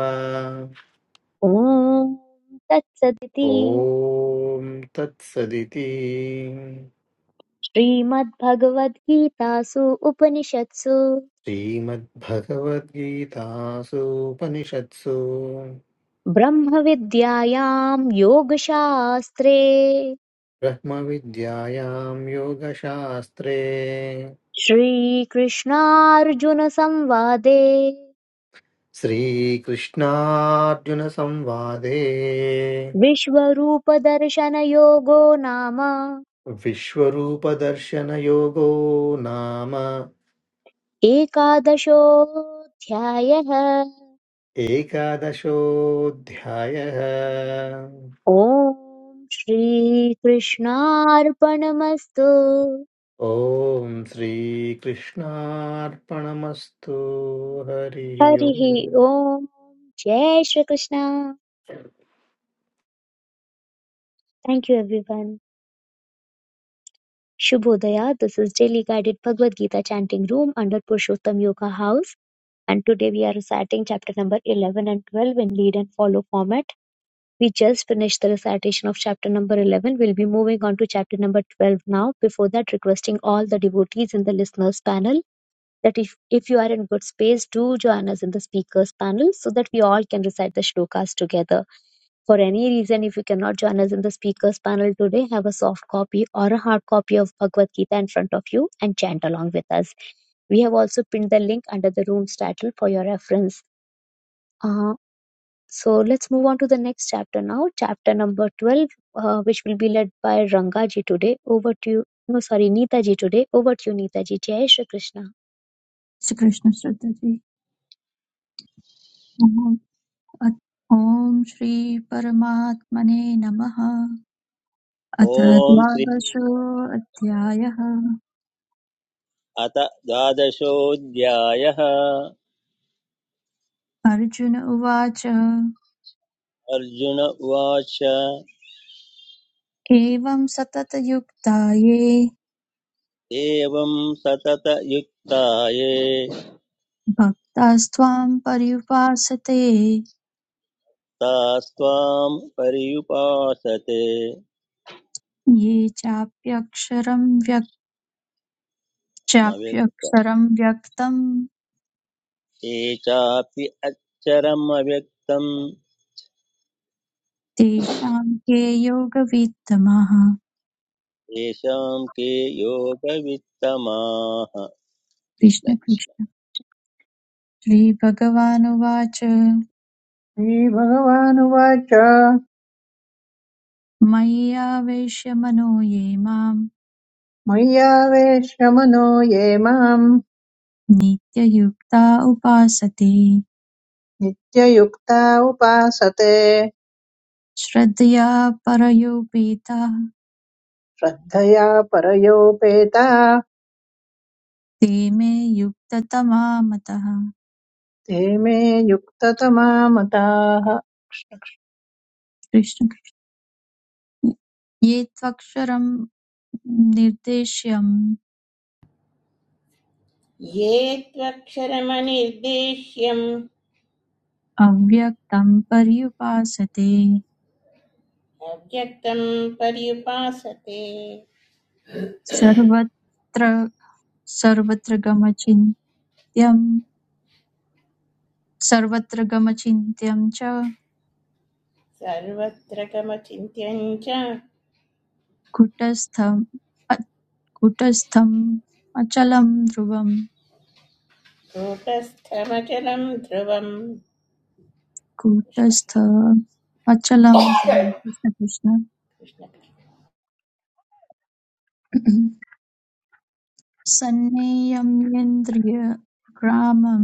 ॐ तत्सदिति
ॐ तत्सदिति
श्रीमद्भगवद्गीतासु उपनिषत्सु
श्रीमद्भगवद्गीतासूपनिषत्सु
ब्रह्मविद्यायां योगशास्त्रे
ब्रह्मविद्यायां योगशास्त्रे
श्रीकृष्णार्जुनसंवादे
श्रीकृष्णार्जुनसंवादे
विश्वरूपदर्शनयोगो नाम
विश्वरूपदर्शनयोगो नाम
एकादशोऽध्यायः
एकादशोऽध्यायः
ॐ श्रीकृष्णार्पणमस्तु
ॐ श्रीकृष्णार्पणमस्तु हरिः
हरिः
ओम्
ओम जय Shri Krishna thank you everyone shubhodaya this is daily guided bhagavad gita chanting room under purushottam yoga house and today we are reciting chapter number 11 and 12 in lead and follow format We just finished the recitation of chapter number 11. We'll be moving on to chapter number 12 now. Before that, requesting all the devotees in the listeners panel that if, if you are in good space, do join us in the speakers panel so that we all can recite the shlokas together. For any reason, if you cannot join us in the speakers panel today, have a soft copy or a hard copy of Bhagavad Gita in front of you and chant along with us. We have also pinned the link under the room's title for your reference. Uh, So let's move on to the next chapter now, chapter number 12, uh, which will be led by Rangaji today. Over to you. No, sorry, Neetaji today. Over to you, Neetaji. Jai Shri Krishna.
Shri Krishna Shraddha ji अथ ॐ श्रीपरमात्मने नमः अथ
ॐ श्री
द्वादशोऽध्यायः
अत द्वादशोऽध्यायः
अर्जुन उवाच
अर्जुन उवाच
एवं सततयुक्ता ये
एवं सततयुक्ताये
भक्तास्त्वां पर्युपासते
तास्त्वां पर्युपासते
ये चाप्यक्षरं व्यक्
मव्यक्त
चाप्यक्षरं व्यक्तं
ये चापि अक्षरमव्यक्तं
तेषां के योगवित्तमः
येषां के योगवित्तमाः कृष्ण
कृष्ण
कृष्ण
कृष्ण श्रीभगवानुवाच
श्रीभगवानुवाच
मय्यावेश्य मनो ये माम्
मय्यावेश्य मनो ये माम्
नित्ययुक्ता उपासते
नित्ययुक्ता उपासते
श्रद्धया परयोपेताः
श्रद्धया परयोपेता
ते मे युक्ततमा मतः
ते मे युक्ततमा मताः
कृष्ण कृष्ण। ये त्वक्षरं निर्देश्यम्
ये त्वक्षरमनिर्देश्यम्
अव्यक्तं पर्युपासते
अव्यक्तं पर्युपासते
सर्वत्र सर्वत्र गमचिन्त्यं सर्वत्र गमचिन्त्यं च
सर्वत्र कमचिन्त्यं च
कुटस्थं कुटस्थम् अचलं ध्रुवम्
कूटस्थमचलं ध्रुवम् कृष्ण
कूटस्थ
कृष्ण
अचलं ध्रुवं
कृष्ण
कृष्णकृष्ण
कृष्ण।
सन्नेयम्येन्द्रियग्रामं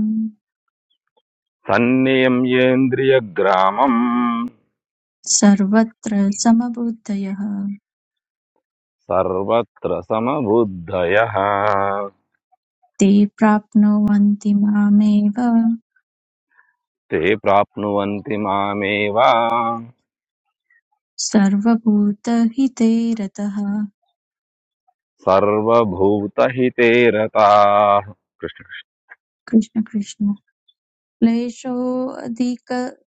सन्नियम्येन्द्रियग्रामम्
सर्वत्र समबुद्धयः
सर्वत्र समबुद्धयः
ते प्राप्नुवन्ति मामेव
ते प्राप्नुवन्ति मामेव
सर्वभूतहिते रतः
सर्वभूतहिते रताः कृष्ण
कृष्ण कृष्ण क्लेशोऽधिकतरस्तेषाम्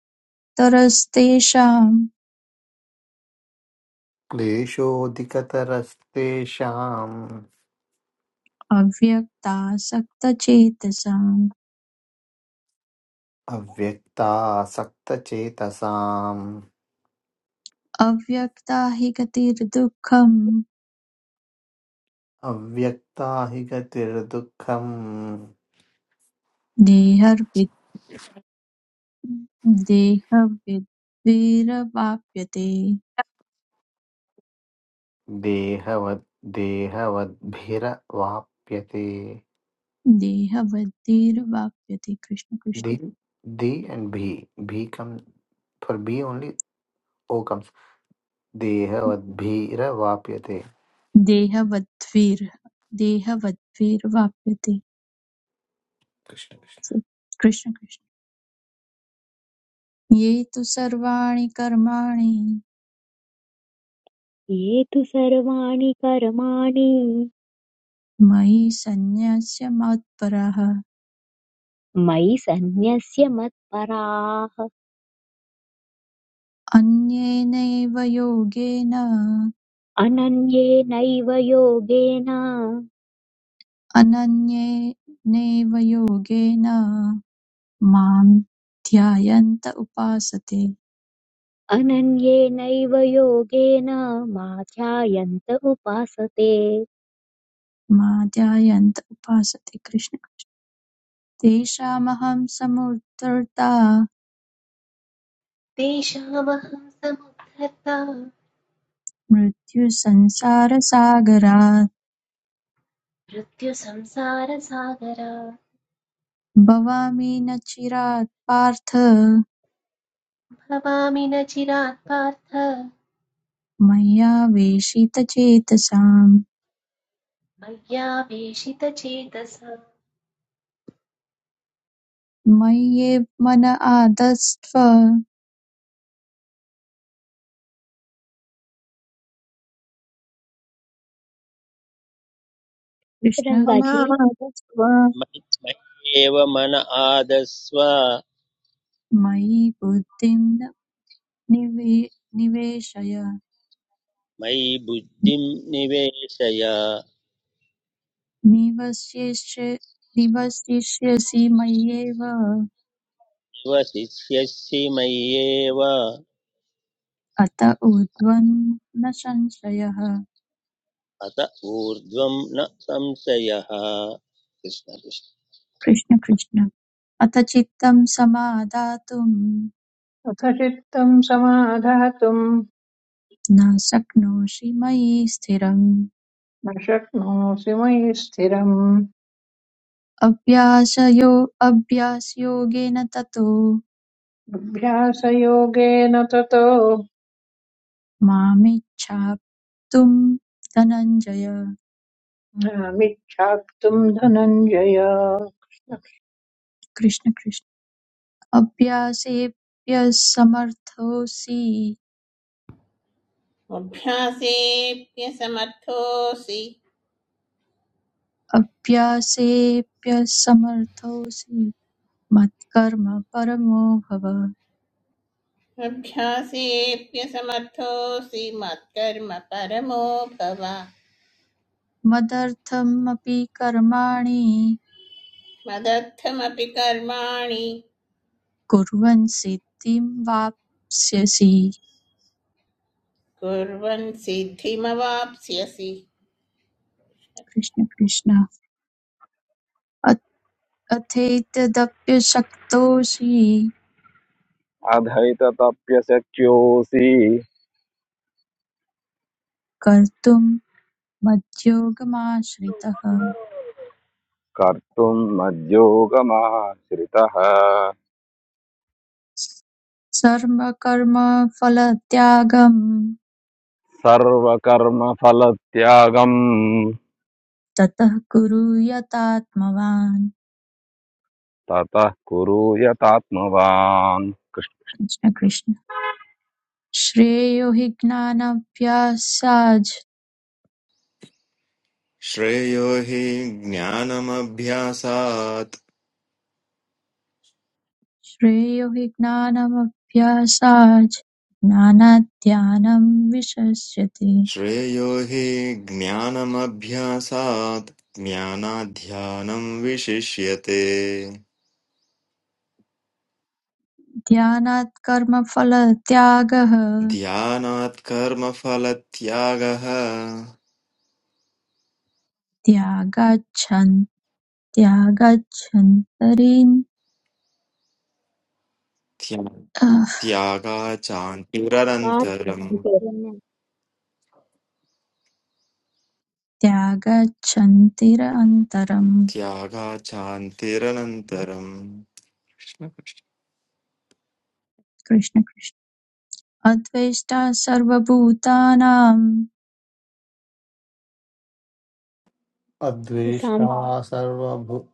क्लेशोऽधिकतरस्तेषाम्
अव्यक्तासक्तचेतसाम्
अव्यक्तासक्तचेतसाम्
अव्यक्ता हि गतिर्दुःखम्
अव्यक्ता हि गतिर्दुःखम्
देहवद्भिर्वाप्यते
देहवद् देहवद्भिरवाप्यते
देहवद्भिर्वाप्यते Krishna
the
Krishna
the and भी भी come only O comes. O comes देहवद्भिरवाप्यते
देहवद्भिर् देहवद्भिर्वाप्यते
कृष्ण
कृष्ण कृष्ण ये तु सर्वाणि कर्माणि
ये तु सर्वाणि कर्माणि
मयि सन्न्यस्य मत्परः
मयि सन्न्यस्य मत्पराः
अन्येनैव योगेन
अनन्येनैव योगेन
अनन्येनैव योगेन मां ध्यायन्त उपासते
अनन्येनैव योगेन मा ध्यायन्त उपासते
माद्यायन्त उपासते कृष्ण तेषामहं समुद्धर्ता
तेषामहं समुद्धर्ता
मृत्युसंसारसागरात्
मृत्युसंसारसागरा
भवामि न चिरात् पार्थ
भवामि न चिरात् पार्थ
मया वेशितचेतसाम्
मय्यावेशितचेतसा
मय्येव मन आदस्त्व कृष्ण
रङ्गाजी
मनामस्त्वा
मयि मयि एव मन आदस्व
मयि बुद्धिं न निवे निवेशय
मयि बुद्धिं निवेशय
निवसिष्य निवसिष्यसि मय्येव
निवसिष्यसि मय्येव
अत ऊर्ध्वं न संशयः
अत ऊर्ध्वं न संशयः कृष्ण
कृष्ण कृष्ण अथ चित्तं समादातुं
अथ चित्तम् समाधातुम्
न शक्नोषि मयि स्थिरम्
न शक्नोषि मयि स्थिरम्
अभ्यासयो अभ्यासयोगेन ततो
अभ्यासयोगेन ततो
मामिच्छाप्तुं धनञ्जय
मिच्छाप्तुम् धनञ्जय यो
कृष्ण कृष्ण अभ्यासेऽप्यसमर्थोऽसि
अभ्यासेऽप्यसमर्थोऽसि
अभ्यासेऽप्यसमर्थोऽसि मत्कर्म परमो भव
अभ्यासेऽप्यसमर्थोऽसि मत्कर्म परमो भव
मदर्थमपि कर्माणि
मदर्थमपि कर्माणि
कुर्वन् सिद्धिं वाप्स्यसि
कुर्वन् सिद्धिमवाप्स्यसि
कृष्ण कृष्ण अ- अथेतदप्यशक्तोऽसि
अधैतप्यशक्योऽसि
कर्तुं मद्योगमाश्रितः
कर्तुम् मद्योगमाश्रितः
सर्वकर्मफलत्यागं
सर्वकर्मफलत्यागम्
ततः कुरु यतात्मवान्
ततः कुरु यतात्मवान् कृष्ण
कृष्ण कृष्ण श्रेयो हि ज्ञानाभ्यासाज्
श्रेयो हि ज्ञानमभ्यासात्
श्रेयो हि ज्ञानमभ्यासाच् ज्ञानात् ध्यानं विशस्यते
श्रेयो हि ज्ञानमभ्यासात् ज्ञानाध्यानम् विशिष्यते
ध्यानात् कर्मफलत्यागः
ध्यानात् कर्मफलत्यागः
त्यागाच्छन् त्यागाच्छन्तरीन्
त्या-
अह,
त्यागाचान्तिरनन्तरम्
भगवान्
त्यागाच्छन्तिरन्तरम्
त्यागाचान्तिरनन्तरम्
Krishna Krishna अद्वेष्टा सर्वभूतानाम्
Adveshta Sarvabhu.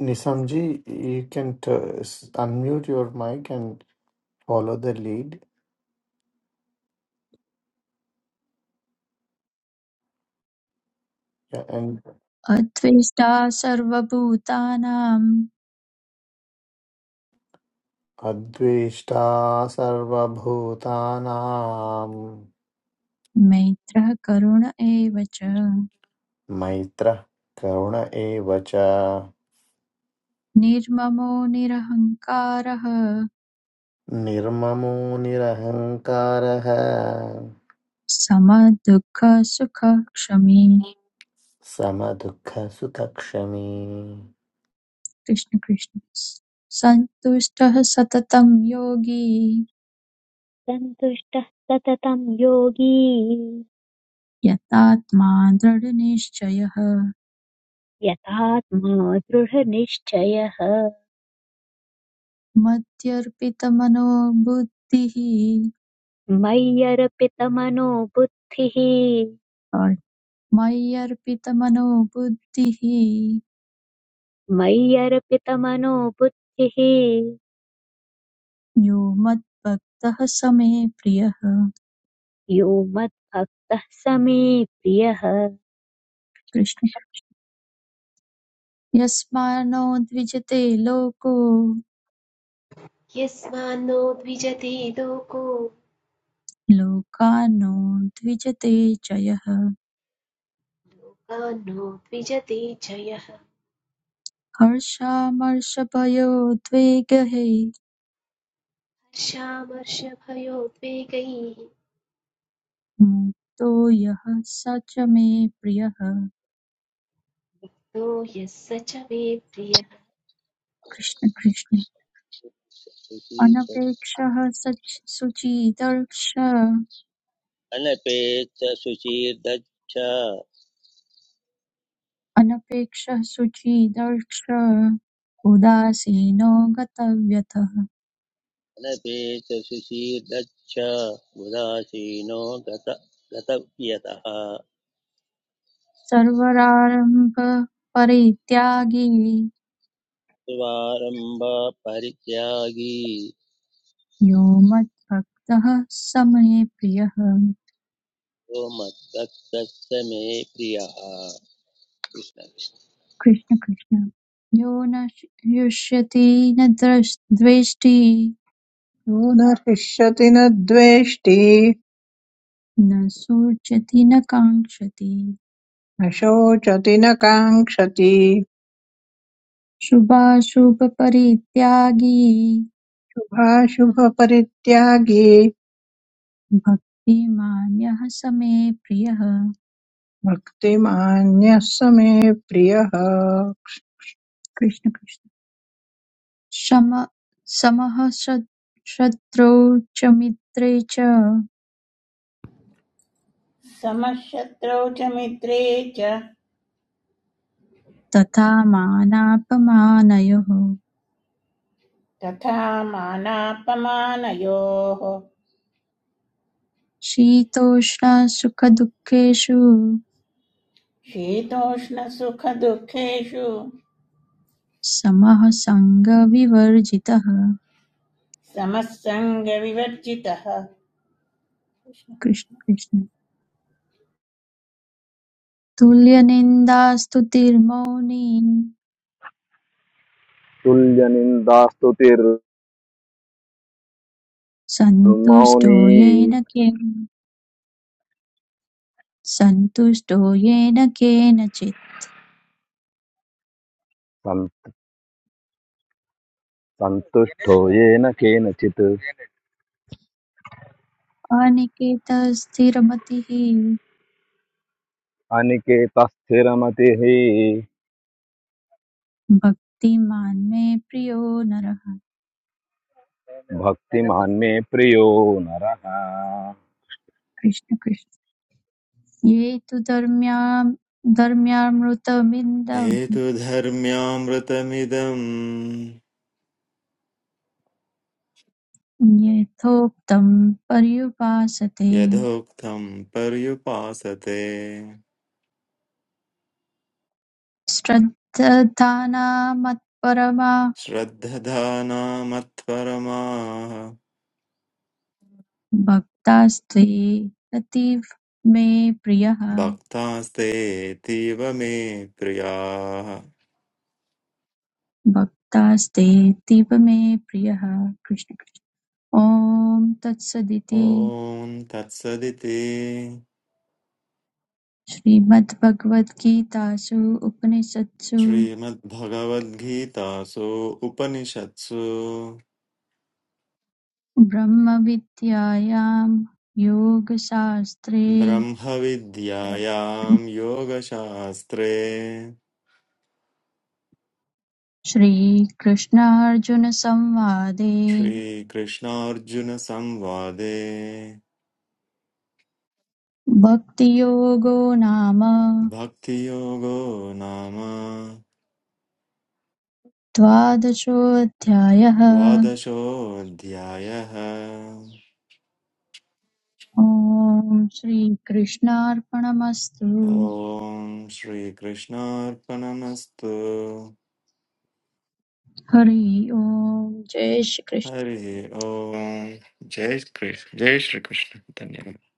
Nisamji, you can t- s- unmute your mic and follow the lead. Yeah, and
अद्वेष्टा सर्वभूतानां
Adveshta Sarvabhutanam
मैत्रः करुण एव च
Maitra Karuna Evacha
निर्ममो निरहङ्कारः
Nirmamo Nirahankaraha
समदुःखसुखक्षमी
Samadukha Sutakshami.
कृष्ण कृष्ण सन्तुष्टः सततं योगी
सन्तुष्टः सततं योगी
यतात्मा दृढनिश्चयः
यथात्मा दृढनिश्चयः
मत्यर्पितमनोबुद्धिः
मय्यर्पितमनो बुद्धिः
sorry, मय्यर्पितमनोबुद्धिः
मय्यर्पितमनो बुद्धिः
यो मद्भक्तः स मे प्रियः
यो मद्भक्तः स मे प्रियः
कृष्ण यस्मान्नो द्विजते लोको
यस्मान्नो द्विजते लोको
लोकानो द्विजते जयः
कान्नो द्विजते च यः
हर्षामर्षभयोद्वेगैः
हर्षामर्षभयोद्वेगैः
मुक्तो यः स च मे प्रियः
नो यः स च मे प्रियः
कृष्ण कृष्ण
कृष्ण
अनपेक्षः सच- सुचिदर्श
अनपेत सुचीर्दच्छ
अनपेक्षः सुचिदर्श उदासीनो गतव्यतः
अनपेत सुचीर्दच्छ उदासीनो गत गतव्यतः
सर्वरारम्भ परित्यागी
स्वारम्भ परित्यागी
यो मद्भक्तः स मे प्रियः
यो मद्भक्तः स मे प्रियः कृष्ण कृष्ण
कृष्ण कृष्ण यो न युष्यति न द्रष्- द्वेष्टि
न हृष्यति न द्वेष्टि
न शोचति न काङ्क्षति
न शोचति न काङ्क्षति
शुभाशुभपरित्यागी
शुभाशुभपरित्यागी
भक्तिमान्यः समे प्रियः
भक्तिमान्यः समे प्रियः
कृष्ण कृष्ण शम समः शत्- शत्रौ च मित्रे च
समशत्रौ च मित्रे च
तथा मानापमानयोः
तथा मानापमानयोः
शीतोष्णसुखदुःखेषु
शीतोष्णसुखदुःखेषु
समः सङ्गविवर्जितः
समस्सङ्गविवर्जितः कृष्ण
कृष्ण
कृष्ण
कृष्ण तुल्यनिन्दास्तुतिर्मौनी
तुल्यनिन्दास्तुतिर्मौनी
सन्तुष्टो येन केन सन्तुष्टो येन केनचित्
सन्- सन्तुष्टो येन केनचित्
अनिकेतस्थिरमतिः
अनिकेतस्थिरमतिः
भक्तिमान् मे प्रियो नरः
भक्तिमान् मे प्रियो नरः
कृष्ण कृष्ण ये तु धर्म्याम् धर्म्यामृतमिन्दं
हेतुधर्म्यामृतमिदम्
यथोक्तं पर्युपासते
यथोक्तम् पर्युपासते
श्रद्धानामत्परमा
श्रद्धधानामत्परमाः
भक्तास्ते रतिः मे प्रियः
भक्तास्तेऽतीव मे प्रियाः
भक्तास्ते तीव मे प्रियः कृष्ण कृष्ण ॐ तत्सदिति
ॐ तत्सदिति
श्रीमद्भगवद्गीतासु उपनिषत्सु
श्रीमद्भगवद्गीतासु उपनिषत्सु
ब्रह्मविद्यायां योगशास्त्रे
ब्रह्मविद्यायां योगशास्त्रे
श्रीकृष्णार्जुनसंवादे
श्रीकृष्णार्जुनसंवादे
भक्तियोगो नाम
भक्तियोगो नाम
द्वादशोऽध्यायः
द्वादशोऽध्यायः
ॐ श्रीकृष्णार्पणमस्तु
ॐ श्रीकृष्णार्पणमस्तु
हरि ओम जय श्री कृष्ण
हरिः ॐ जय कृष्ण जय श्रीकृष्ण धन्यवाद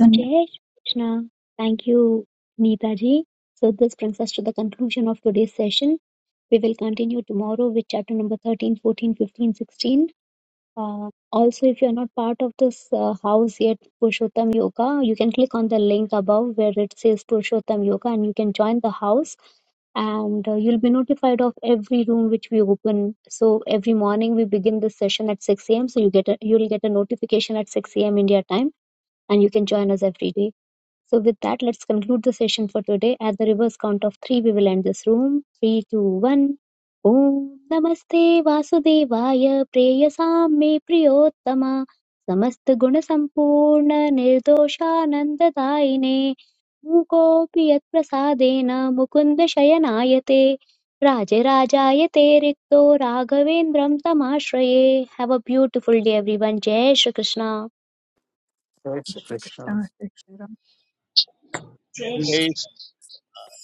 धन्यवाद
जय Shri Krishna thank you Neeta ji so this brings us to the conclusion of today's session we will continue tomorrow with chapter number 13 14 15 16 Uh, also, if you're not part of this uh, house yet, Purushottam Yoga, you can click on the link above where it says Purushottam Yoga and you can join the house and uh, you'll be notified of every room which we open. So every morning we begin this session at 6 a.m. So you get a, you'll get a notification at 6 a.m. India time and you can join us every day. So, with that, let's conclude the session for today. At the reverse count of three, we will end this room. Three, two, one. Om Namaste Vasudevaya Preyasam Me Priyottama समस्त गुण संपूर्ण निर्दोषानन्ददायिने मूकोऽपि यत्प्रसादेन मुकुन्द शयनायते राजराजायते rikto राघवेन्द्रं तमाश्रये Have a beautiful day, everyone. Jai Shri Krishna.
Krishna.
Krishna Krishna
जय
जय
श्री-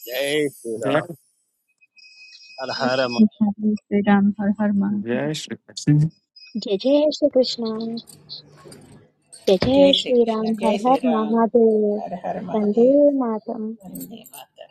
जय
जय
श्रीराम हर
जय श्री
हर
कृष्ण जय श्री राम हर हर महादेव
जय Shri Krishna
Jai Jai Shri Krishna. जय
जय
जय
श्रीकृष्ण
श्रीराम
जय
हर हर
श्रीराम
महादेव
हर हर
वंदे
महादेव
मातरम
वन्दे मातरम्